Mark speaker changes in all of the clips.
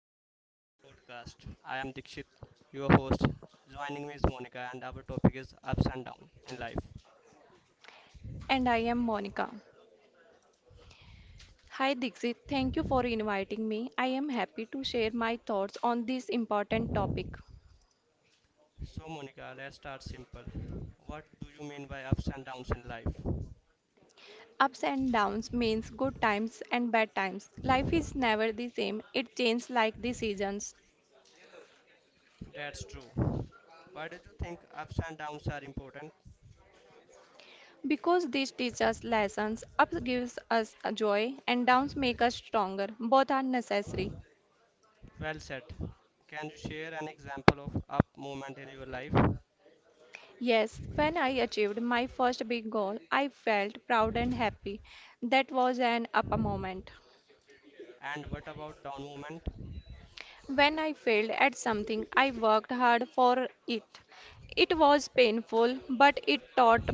Speaker 1: welcome to today's podcast. I am Dikshit, your host. Joining me is Monica, and our topic is ups and downs in life.
Speaker 2: And I am Monica. Hi Dixit, thank you for inviting me. I am happy to share my thoughts on this important topic.
Speaker 1: So, Monica, let's start simple. What do you mean by ups and downs in life?
Speaker 2: Ups and downs means good times and bad times. Life is never the same, it changes like the seasons.
Speaker 1: That's true. Why did you think ups and downs are important?
Speaker 2: Because this teaches us lessons, ups gives us joy and downs make us stronger. Both are necessary.
Speaker 1: Well said. Can you share an example of up moment in your life?
Speaker 2: Yes, when I achieved my first big goal, I felt proud and happy. That was an up moment.
Speaker 1: And what about down moment?
Speaker 2: When I failed at something, I worked hard for it. It was painful, but it taught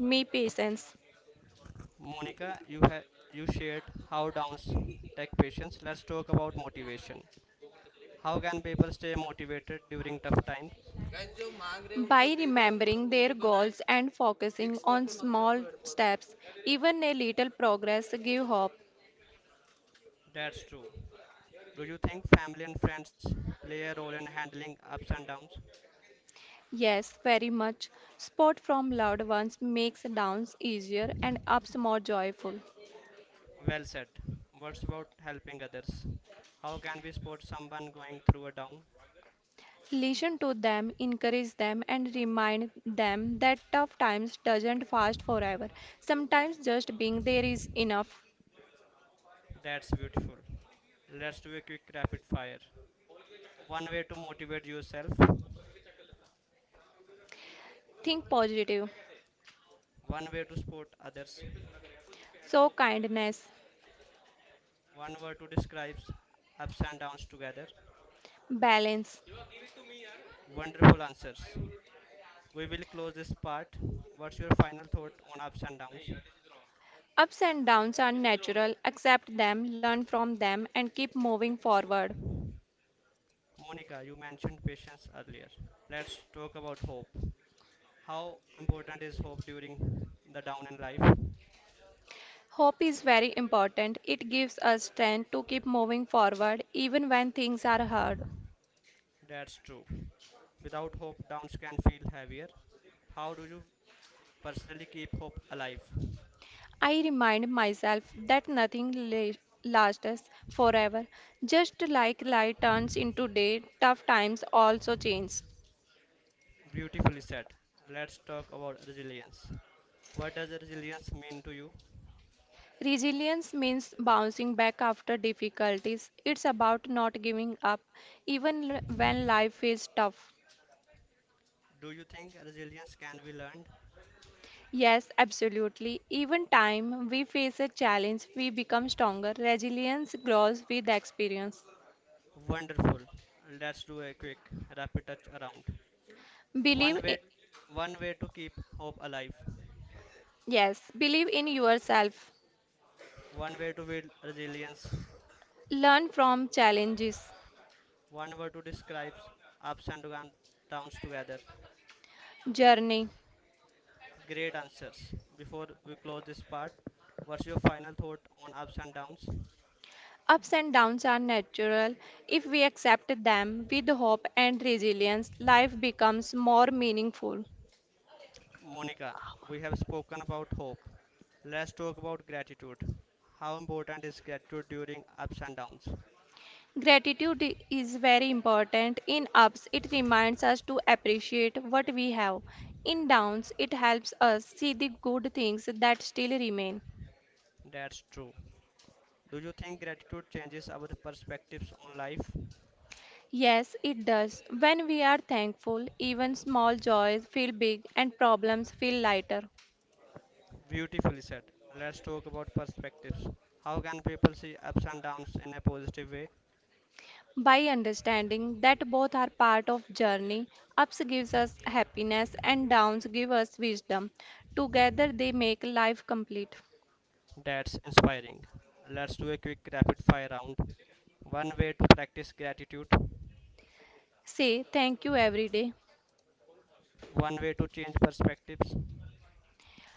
Speaker 2: me patience.
Speaker 1: Monica, you shared how downs take patience. Let's talk about motivation. How can people stay motivated during tough times?
Speaker 2: By remembering their goals and focusing on small steps, even a little progress give hope.
Speaker 1: That's true. Do you think family and friends play a role in handling ups and downs?
Speaker 2: Yes, very much. Support from loved ones makes downs easier and ups more joyful.
Speaker 1: Well said. What's about helping others? How can we support someone going through a down?
Speaker 2: Listen to them, encourage them, and remind them that tough times doesn't last forever. Sometimes just being there is enough.
Speaker 1: That's beautiful. Let's do a quick rapid fire. One way to motivate yourself,
Speaker 2: Think positive.
Speaker 1: one way to support others,
Speaker 2: Show kindness,
Speaker 1: one word to describe ups and downs together.
Speaker 2: balance.
Speaker 1: Wonderful answers. We will close this part. What's your final thought on ups and downs?
Speaker 2: Ups and downs are natural. Accept them, learn from them, and keep moving forward.
Speaker 1: Monica, you mentioned patience earlier. Let's talk about hope. How important is hope during the down in life?
Speaker 2: Hope is very important. It gives us strength to keep moving forward even when things are hard.
Speaker 1: That's true. Without hope, downs can feel heavier. How do you personally keep hope alive?
Speaker 2: I remind myself that nothing la- lasts forever. Just like light turns into day, tough times also change.
Speaker 1: Beautifully said. Let's talk about resilience. What does resilience mean to you?
Speaker 2: Resilience means bouncing back after difficulties. It's about not giving up, when life is tough.
Speaker 1: Do you think resilience can be learned?
Speaker 2: Yes, absolutely. Even time we face a challenge, we become stronger. Resilience grows with experience.
Speaker 1: Wonderful. Let's do a quick rapid touch around. One
Speaker 2: Believe, i-
Speaker 1: way One way to keep hope alive.
Speaker 2: yes, believe in yourself.
Speaker 1: One way to build resilience.
Speaker 2: Learn from challenges.
Speaker 1: One word to describe ups and downs together.
Speaker 2: Journey.
Speaker 1: Great answers. Before we close this part, what's your final thought on ups and downs?
Speaker 2: Ups and downs are natural. If we accept them with hope and resilience, life becomes more meaningful.
Speaker 1: Monica, we have spoken about hope. Let's talk about gratitude. How important is gratitude during ups and downs?
Speaker 2: Gratitude i- is very important. In ups, it reminds us to appreciate what we have. In downs, it helps us see the good things that still remain.
Speaker 1: That's true. Do you think gratitude changes our perspectives on life?
Speaker 2: Yes, it does. When we are thankful, even small joys feel big and problems feel lighter.
Speaker 1: Beautifully said. Let's talk about perspectives. How can people see ups and downs in a positive way?
Speaker 2: By understanding that both are part of journey, ups gives us happiness and downs give us wisdom, together they make life complete.
Speaker 1: That's inspiring. Let's do a quick rapid fire round. One way to practice gratitude,
Speaker 2: Say thank you every day.
Speaker 1: one way to change perspectives,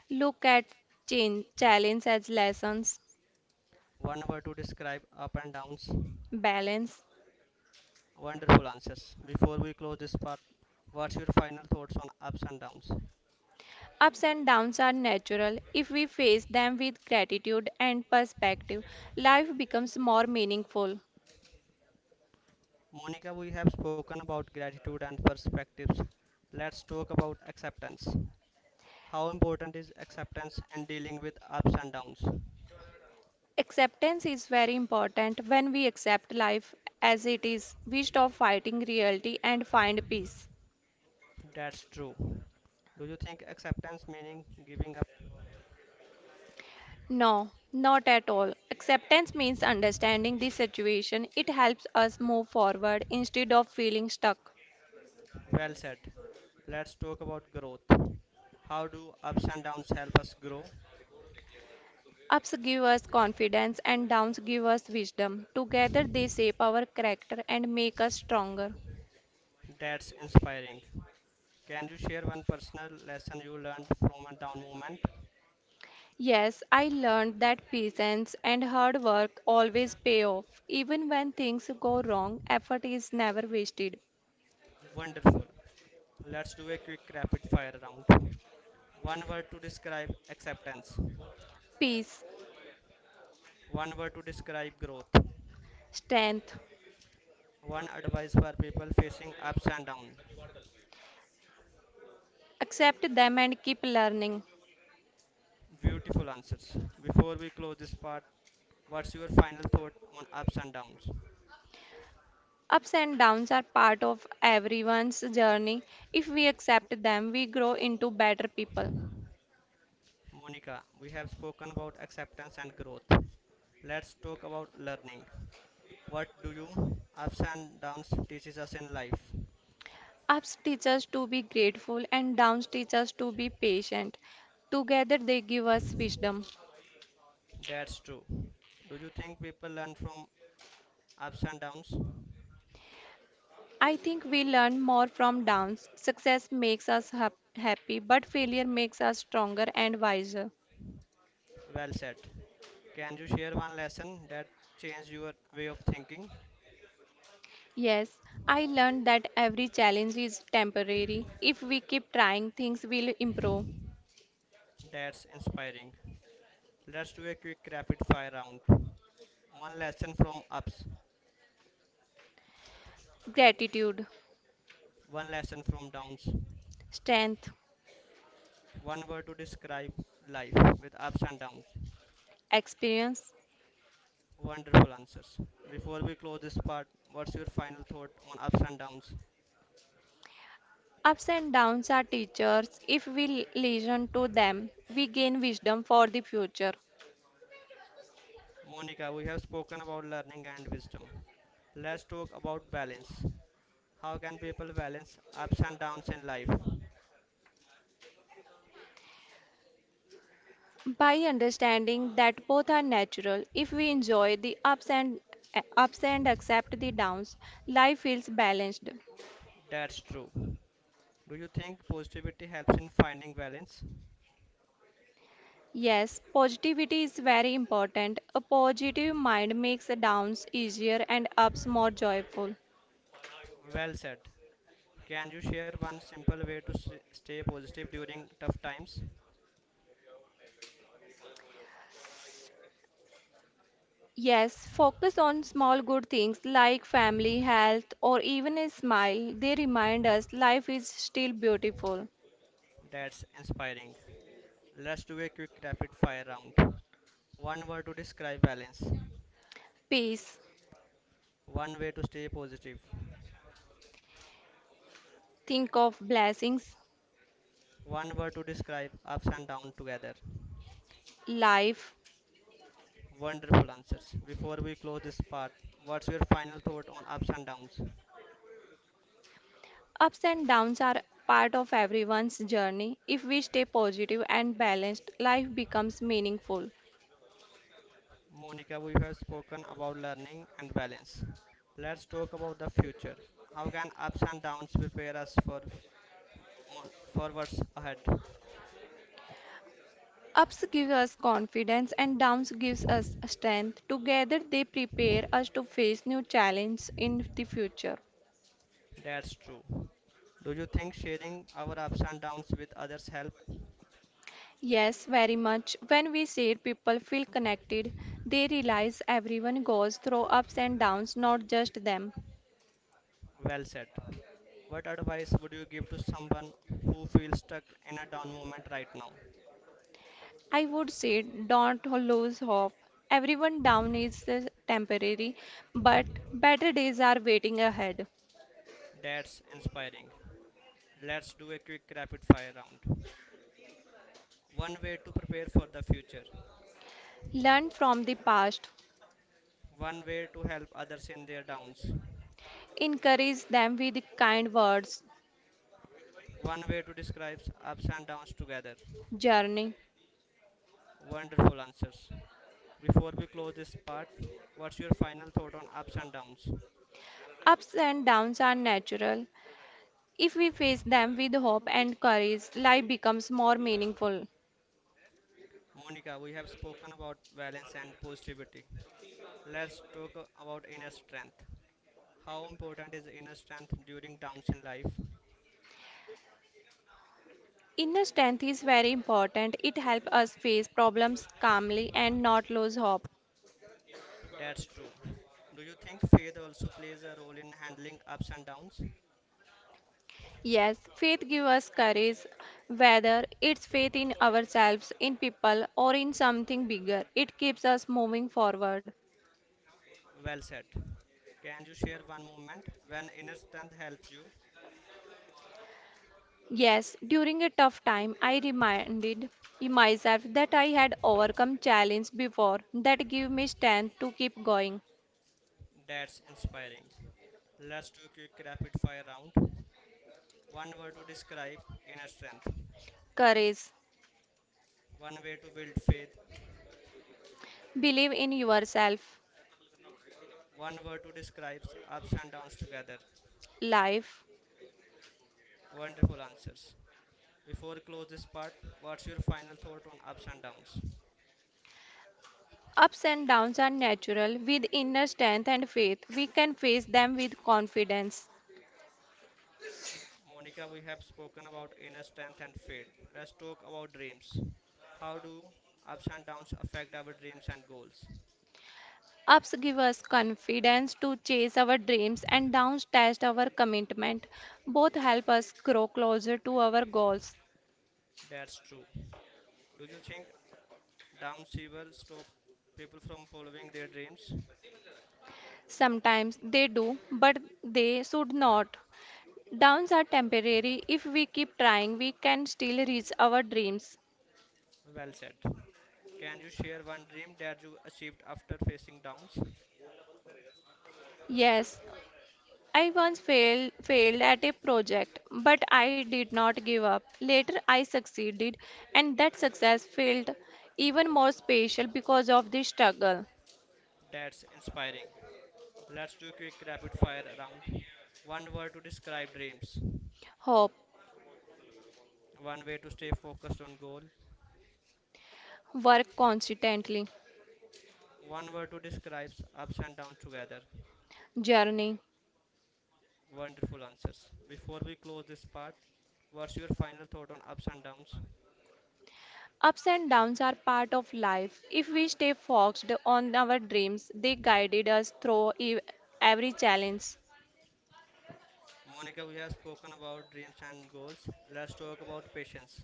Speaker 2: Look at change challenge as lessons.
Speaker 1: one word to describe up and downs.
Speaker 2: Balance.
Speaker 1: Wonderful answers. Before we close this part, what's your final thoughts on ups and downs?
Speaker 2: Ups and downs are natural. If we face them with gratitude and perspective, life becomes more meaningful.
Speaker 1: Monica, we have spoken about gratitude and perspectives. Let's talk about acceptance. How important is acceptance in dealing with ups and downs?
Speaker 2: Acceptance is very important. When we accept life as it is, we stop fighting reality and find peace.
Speaker 1: That's true. Do you think acceptance meaning giving up?
Speaker 2: No, not at all. Acceptance means understanding the situation. It helps us move forward instead of feeling stuck.
Speaker 1: Well said. Let's talk about growth. How do ups and downs help us grow?
Speaker 2: Ups give us confidence and downs give us wisdom. Together they shape our character and make us stronger.
Speaker 1: That's inspiring. Can you share one personal lesson you learned from a down moment?
Speaker 2: Yes, I learned that patience and hard work always pay off. Even when things go wrong, effort is never wasted.
Speaker 1: Wonderful. Let's do a quick rapid fire round. One word to describe acceptance.
Speaker 2: Peace,
Speaker 1: One word to describe growth.
Speaker 2: strength.
Speaker 1: One advice for people facing ups and downs.
Speaker 2: Accept them and keep learning.
Speaker 1: Beautiful answers. Before we close this part, what's your final thought on ups and downs?
Speaker 2: Ups and downs are part of everyone's journey. If we accept them, we grow into better people.
Speaker 1: Monica, we have spoken about acceptance and growth. Let's talk about learning. What do you ups and downs teaches us in life?
Speaker 2: Ups teach us to be grateful, and downs teach us to be patient. Together, they give us wisdom.
Speaker 1: That's true. Do you think people learn from ups and downs?
Speaker 2: I think we learn more from downs. Success makes us happy, but failure makes us stronger and wiser.
Speaker 1: Well said. Can you share one lesson that changed your way of thinking?
Speaker 2: Yes, I learned that every challenge is temporary. If we keep trying, things will improve.
Speaker 1: That's inspiring. Let's do a quick rapid fire round. One lesson from ups,
Speaker 2: Gratitude,
Speaker 1: one lesson from downs,
Speaker 2: strength,
Speaker 1: one word to describe life with ups and downs.
Speaker 2: experience.
Speaker 1: Wonderful answers. Before we close this part, what's your final thought on ups and downs?
Speaker 2: Ups and downs are teachers. If we listen to them, we gain wisdom for the future.
Speaker 1: Monica, we have spoken about learning and wisdom. Let's talk about balance. How can people balance ups and downs in life?
Speaker 2: By understanding that both are natural, if we enjoy the ups and accept the downs, life feels balanced.
Speaker 1: That's true. Do you think positivity helps in finding balance?
Speaker 2: Yes, positivity is very important. A positive mind makes downs easier and ups more joyful.
Speaker 1: Well said. Can you share one simple way to stay positive during tough times?
Speaker 2: Yes, focus on small good things like family, health, or even a smile. They remind us life is still beautiful.
Speaker 1: That's inspiring. Let's do a quick rapid fire round. One word to describe balance.
Speaker 2: Peace.
Speaker 1: One way to stay positive.
Speaker 2: Think of blessings,
Speaker 1: One word to describe ups and downs together.
Speaker 2: life.
Speaker 1: Wonderful answers. Before we close this part, what's your final thought on ups and downs?
Speaker 2: Ups and downs are part of everyone's journey. If we stay positive and balanced, life becomes meaningful.
Speaker 1: Monica, we have spoken about learning and balance. Let's talk about the future. How can ups and downs prepare us for on for ahead?
Speaker 2: Ups give us confidence and downs gives us strength. Together they prepare us to face new challenges in the future.
Speaker 1: That's true. Do you think sharing our ups and downs with others help?
Speaker 2: Yes, very much. When we say people feel connected, they realize everyone goes through ups and downs, not just them.
Speaker 1: Well said. What advice would you give to someone who feels stuck in a down moment right now?
Speaker 2: I would say don't lose hope. Everyone down is temporary, but better days are waiting ahead.
Speaker 1: That's inspiring. Let's do a quick rapid fire round. One way to prepare for the future.
Speaker 2: Learn from the past.
Speaker 1: One way to help others in their downs.
Speaker 2: Encourage them with kind words.
Speaker 1: One way to describe ups and downs together.
Speaker 2: Journey.
Speaker 1: Wonderful answers. Before we close this part, what's your final thought on ups and downs?
Speaker 2: Ups and downs are natural. If we face them with hope and courage, life becomes more meaningful.
Speaker 1: Monica, we have spoken about balance and positivity. Let's talk about inner strength. How important is inner strength during downs in life?
Speaker 2: Inner strength is very important. It helps us face problems calmly and not lose hope.
Speaker 1: That's true. Do you think faith also plays a role in handling ups and downs?
Speaker 2: Yes, faith gives us courage, whether it's faith in ourselves, in people, or in something bigger. It keeps us moving forward.
Speaker 1: Well said. Can you share one moment when inner strength helps you?
Speaker 2: Yes, during a tough time, I reminded myself that I had overcome challenges before that give me strength to keep going.
Speaker 1: That's inspiring. Let's do a quick rapid fire round. One word to describe inner strength.
Speaker 2: Courage,
Speaker 1: One way to build faith.
Speaker 2: believe in yourself.
Speaker 1: One word to describe ups and downs together.
Speaker 2: Life,
Speaker 1: Wonderful answers. Before we close this part, what's your final thought on ups and downs?
Speaker 2: ups and downs are natural. With inner strength and faith, we can face them with confidence.
Speaker 1: Monica, we have spoken about inner strength and faith. Let's talk about dreams. How do ups and downs affect our dreams and goals?
Speaker 2: Ups give us confidence to chase our dreams, and downs test our commitment. Both help us grow closer to our goals.
Speaker 1: That's true. Do you think downsiver stop people from following their dreams?
Speaker 2: Sometimes they do, but they should not. Downs are temporary. If we keep trying, we can still reach our dreams.
Speaker 1: Well said. Can you share one dream that you achieved after facing downs?
Speaker 2: Yes, I once failed at a project, but I did not give up. Later I succeeded and that success felt even more special because of the struggle,
Speaker 1: That's inspiring. Let's do a quick rapid fire round. One word to describe dreams.
Speaker 2: hope,
Speaker 1: One way to stay focused on goal.
Speaker 2: work constantly,
Speaker 1: One word to describe ups and downs together.
Speaker 2: journey.
Speaker 1: Wonderful answers. Before we close this part, what's your final thought on ups and downs?
Speaker 2: Ups and downs are part of life. If we stay focused on our dreams, they guided us through every challenge.
Speaker 1: Monica, we have spoken about dreams and goals. Let's talk about patience.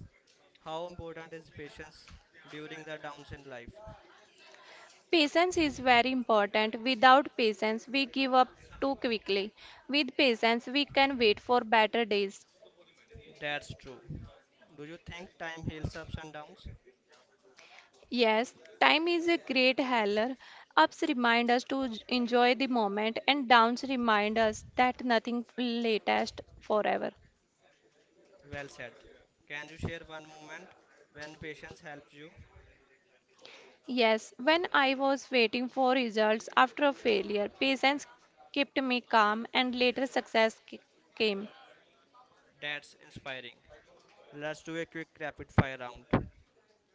Speaker 1: How important is patience during the downs in life?
Speaker 2: Patience is very important. Without patience, we give up too quickly. With patience, we can wait for better days.
Speaker 1: That's true. Do you think time heals ups and downs?
Speaker 2: Yes, time is a great healer. Ups remind us to enjoy the moment, and downs remind us that nothing latest forever.
Speaker 1: Well said. Can you share one moment when patience helps you?
Speaker 2: Yes, when I was waiting for results after a failure, patience kept me calm, and later came.
Speaker 1: That's inspiring. Let's do a quick rapid fire round.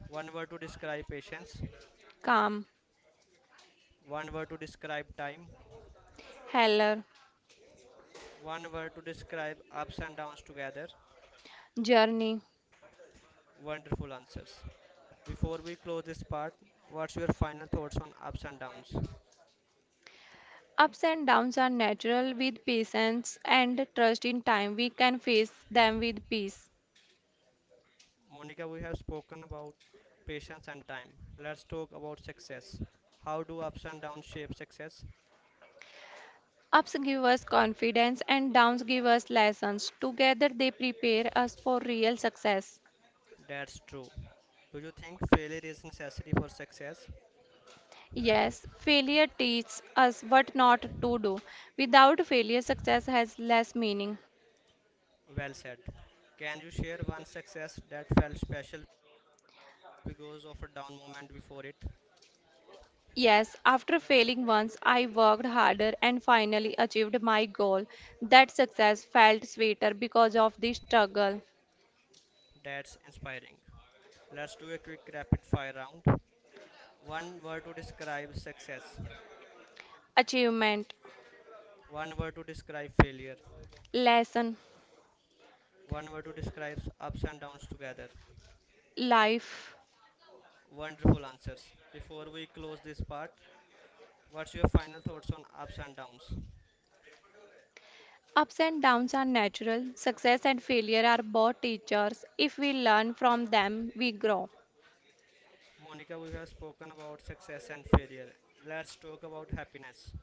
Speaker 1: One word to describe patience,
Speaker 2: Calm,
Speaker 1: one word to describe time,
Speaker 2: heller,
Speaker 1: one word to describe ups and downs together.
Speaker 2: journey.
Speaker 1: Wonderful answers. Before we close this part, what's your final thoughts on ups and downs?
Speaker 2: Ups and downs are natural. With patience and trust in time, we can face them with peace.
Speaker 1: Monica, we have spoken about patience and time. Let's talk about success. How do ups and downs shape success?
Speaker 2: Ups give us confidence and downs give us lessons. Together they prepare us for real success.
Speaker 1: That's true. Do you think failure is necessary for success?
Speaker 2: Yes, failure teaches us what not to do. Without failure, success has less meaning.
Speaker 1: Well said. Can you share one success that felt special because of a down moment before it?
Speaker 2: Yes, after failing once, I worked harder and finally achieved my goal. That success felt sweeter because of the struggle.
Speaker 1: That's inspiring. Let's do a quick rapid fire round. One word to describe success.
Speaker 2: Achievement,
Speaker 1: One word to describe failure.
Speaker 2: lesson,
Speaker 1: One word to describe ups and downs together.
Speaker 2: life.
Speaker 1: Wonderful answers. Before we close this part, what's your final thoughts on ups and downs?
Speaker 2: Ups and downs are natural. Success and failure are both teachers. If we learn from them, we grow.
Speaker 1: Monica, we have spoken about success and failure. Let's talk about happiness.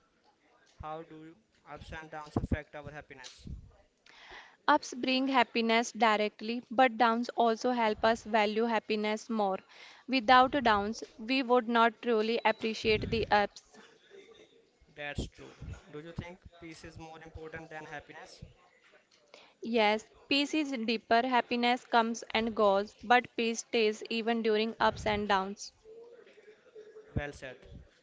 Speaker 1: How do ups and downs affect our happiness?
Speaker 2: Ups bring happiness directly, but downs also help us value happiness more. Without downs, we would not truly appreciate the ups.
Speaker 1: That's true. Do you think peace is more important than happiness?
Speaker 2: Yes, peace is deeper, happiness comes and goes, but peace stays even during ups and downs.
Speaker 1: Well said.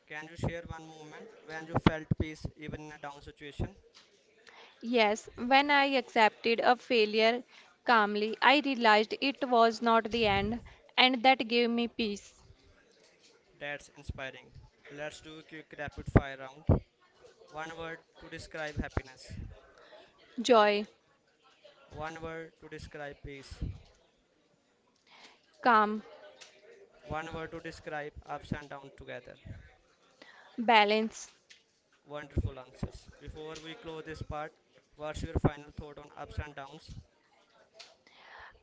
Speaker 1: Can you share one moment when you felt peace even in a down situation?
Speaker 2: Yes, when I accepted a failure calmly, I realized it was not the end, and that gave me peace,
Speaker 1: That's inspiring. Let's do a quick rapid fire round. One word to describe happiness.
Speaker 2: joy,
Speaker 1: One word to describe peace.
Speaker 2: calm,
Speaker 1: One word to describe ups and downs together.
Speaker 2: balance.
Speaker 1: Wonderful answers. Before we close this part, what's your final thought on ups and downs?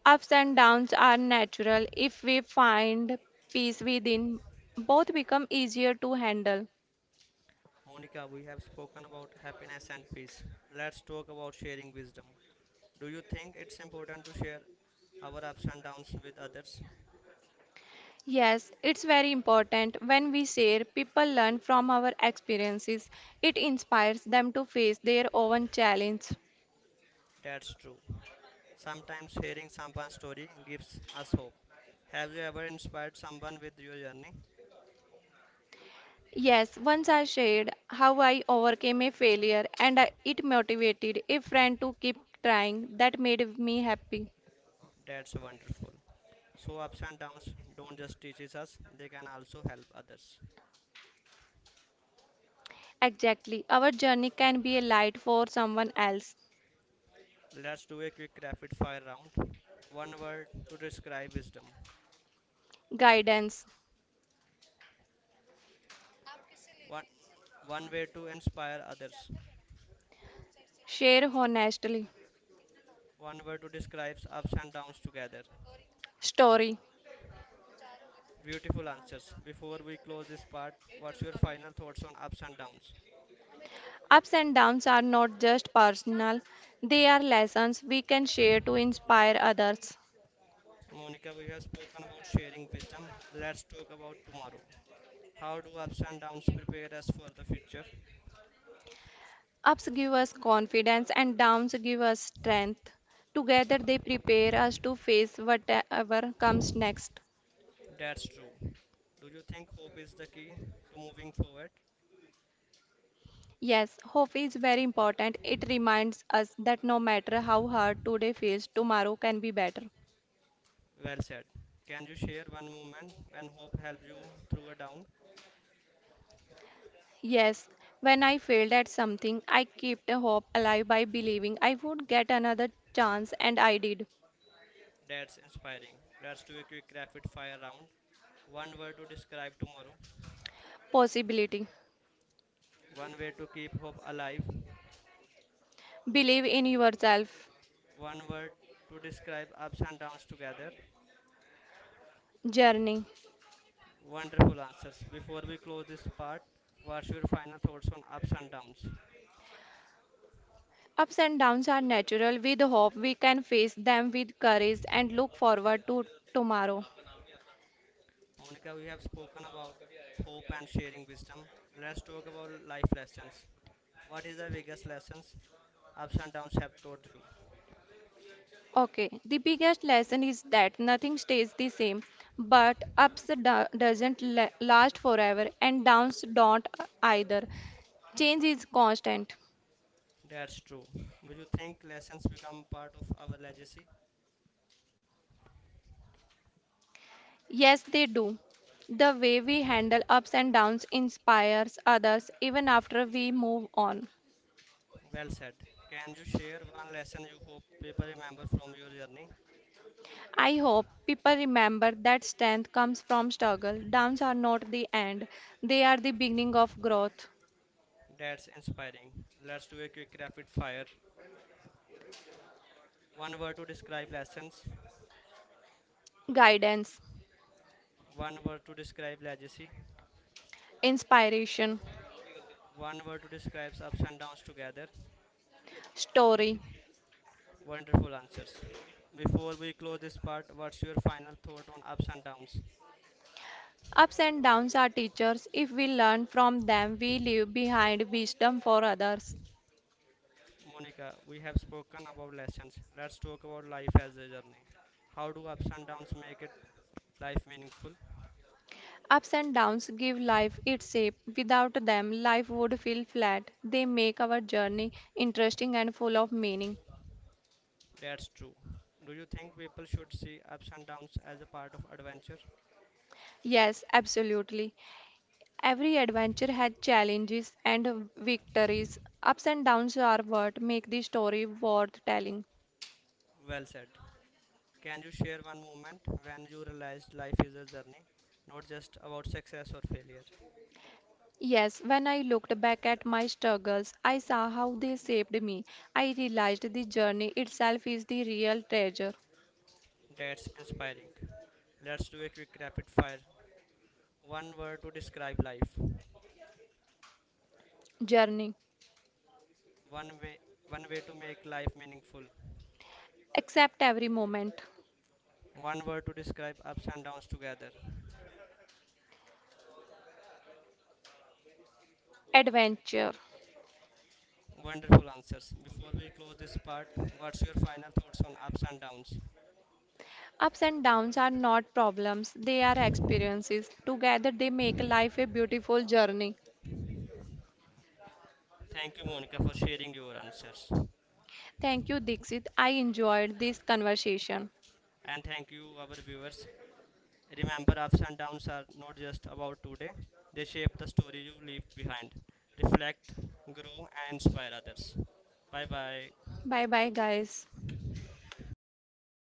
Speaker 2: Ups and downs are natural. If we find peace within, both become easier to handle.
Speaker 1: Monica, we have spoken about happiness and peace. Let's talk about sharing wisdom. Do you think it's important to share our ups and downs with others?
Speaker 2: Yes, it's very important when we share, people learn from our experiences. It inspires them to face their own challenge.
Speaker 1: That's true. Sometimes hearing someone's story gives us hope. Have you ever inspired someone with your journey?
Speaker 2: Yes, once I shared how I overcame a failure and it motivated a friend to keep trying. That made me happy.
Speaker 1: That's wonderful. So ups and downs don't just teach us, they can also help others.
Speaker 2: Exactly. Our journey can be a light for someone else.
Speaker 1: Let's do a quick rapid fire round. One word to describe wisdom.
Speaker 2: Guidance.
Speaker 1: One One way to inspire others.
Speaker 2: Share honestly.
Speaker 1: One word to describe ups and downs together.
Speaker 2: Story.
Speaker 1: Beautiful answers. Before we close this part, what's your final thoughts on ups and downs?
Speaker 2: Ups and downs are not just personal, they are lessons we can share to inspire others.
Speaker 1: Monica, we have spoken about sharing wisdom. Let's talk about tomorrow. How do ups and downs prepare us for the future?
Speaker 2: Ups give us confidence and downs give us strength. Together, they prepare us to face whatever comes next.
Speaker 1: That's true. Do you think hope is the key to moving forward?
Speaker 2: Yes, hope is very important. It reminds us that no matter how hard today feels, tomorrow can be better.
Speaker 1: Well said. Can you share one moment when hope helped you through a down?
Speaker 2: Yes, when I failed at something, I kept a hope alive by believing I would get another chance, and I did.
Speaker 1: That's inspiring. Let's do a quick rapid fire round. One word to describe tomorrow.
Speaker 2: Possibility.
Speaker 1: One way to keep hope alive.
Speaker 2: Believe in yourself.
Speaker 1: One word to describe ups and downs together.
Speaker 2: Journey.
Speaker 1: Wonderful answers. Before we close this part, what's your final thoughts on ups and downs?
Speaker 2: Ups and downs are natural. With hope, we can face them with courage and look forward to tomorrow.
Speaker 1: Monica, we have spoken about hope and sharing wisdom. Let's talk about life lessons. What is the biggest lessons ups and downs have taught you?
Speaker 2: Okay, the biggest lesson is that nothing stays the same, but doesn't last forever and downs don't either. Change is constant.
Speaker 1: That's true. Do you think lessons become part of our legacy?
Speaker 2: Yes, they do. The way we handle ups and downs inspires others even after we move on.
Speaker 1: Well said. Can you share one lesson you hope people remember from your journey?
Speaker 2: I hope people remember that strength comes from struggle. Downs are not the end, they are the beginning of growth,
Speaker 1: That's inspiring. Let's do a quick rapid fire. One word to describe lessons,
Speaker 2: guidance,
Speaker 1: one word to describe legacy,
Speaker 2: inspiration,
Speaker 1: one word to describe ups and downs together.
Speaker 2: story.
Speaker 1: Wonderful answers. Before we close this part, what's your final thought on ups and downs?
Speaker 2: Ups and downs are teachers. If we learn from them, we leave behind wisdom for others.
Speaker 1: Monica, we have spoken about lessons. Let's talk about life as a journey. How do ups and downs make it life meaningful?
Speaker 2: Ups and downs give life its shape. Without them, life would feel flat. They make our journey interesting and full of meaning.
Speaker 1: That's true. Do you think people should see ups and downs as a part of adventure?
Speaker 2: Yes, absolutely. Every adventure had challenges and victories. Ups and downs are what make the story worth telling.
Speaker 1: Well said. Can you share one moment when you realized life is a journey, not just about success or failure?
Speaker 2: Yes, when I looked back at my struggles, I saw how they shaped me. I realized the journey itself is the real treasure.
Speaker 1: That's inspiring. Let's do a quick rapid fire. One word to describe life.
Speaker 2: Journey.
Speaker 1: One way One way to make life meaningful.
Speaker 2: Accept every moment.
Speaker 1: One word to describe ups and downs together.
Speaker 2: Adventure.
Speaker 1: Wonderful answers. Before we close this part, what's your final thoughts on ups and downs?
Speaker 2: Ups and downs are not problems, they are experiences. Together, they make life a beautiful journey.
Speaker 1: Thank you, Monica, for sharing your answers.
Speaker 2: Thank you, Dixit. I enjoyed this conversation.
Speaker 1: And thank you, our viewers. Remember, ups and downs are not just about today, they shape the story you leave behind. Reflect, grow, and inspire others. Bye bye.
Speaker 2: Bye bye, guys.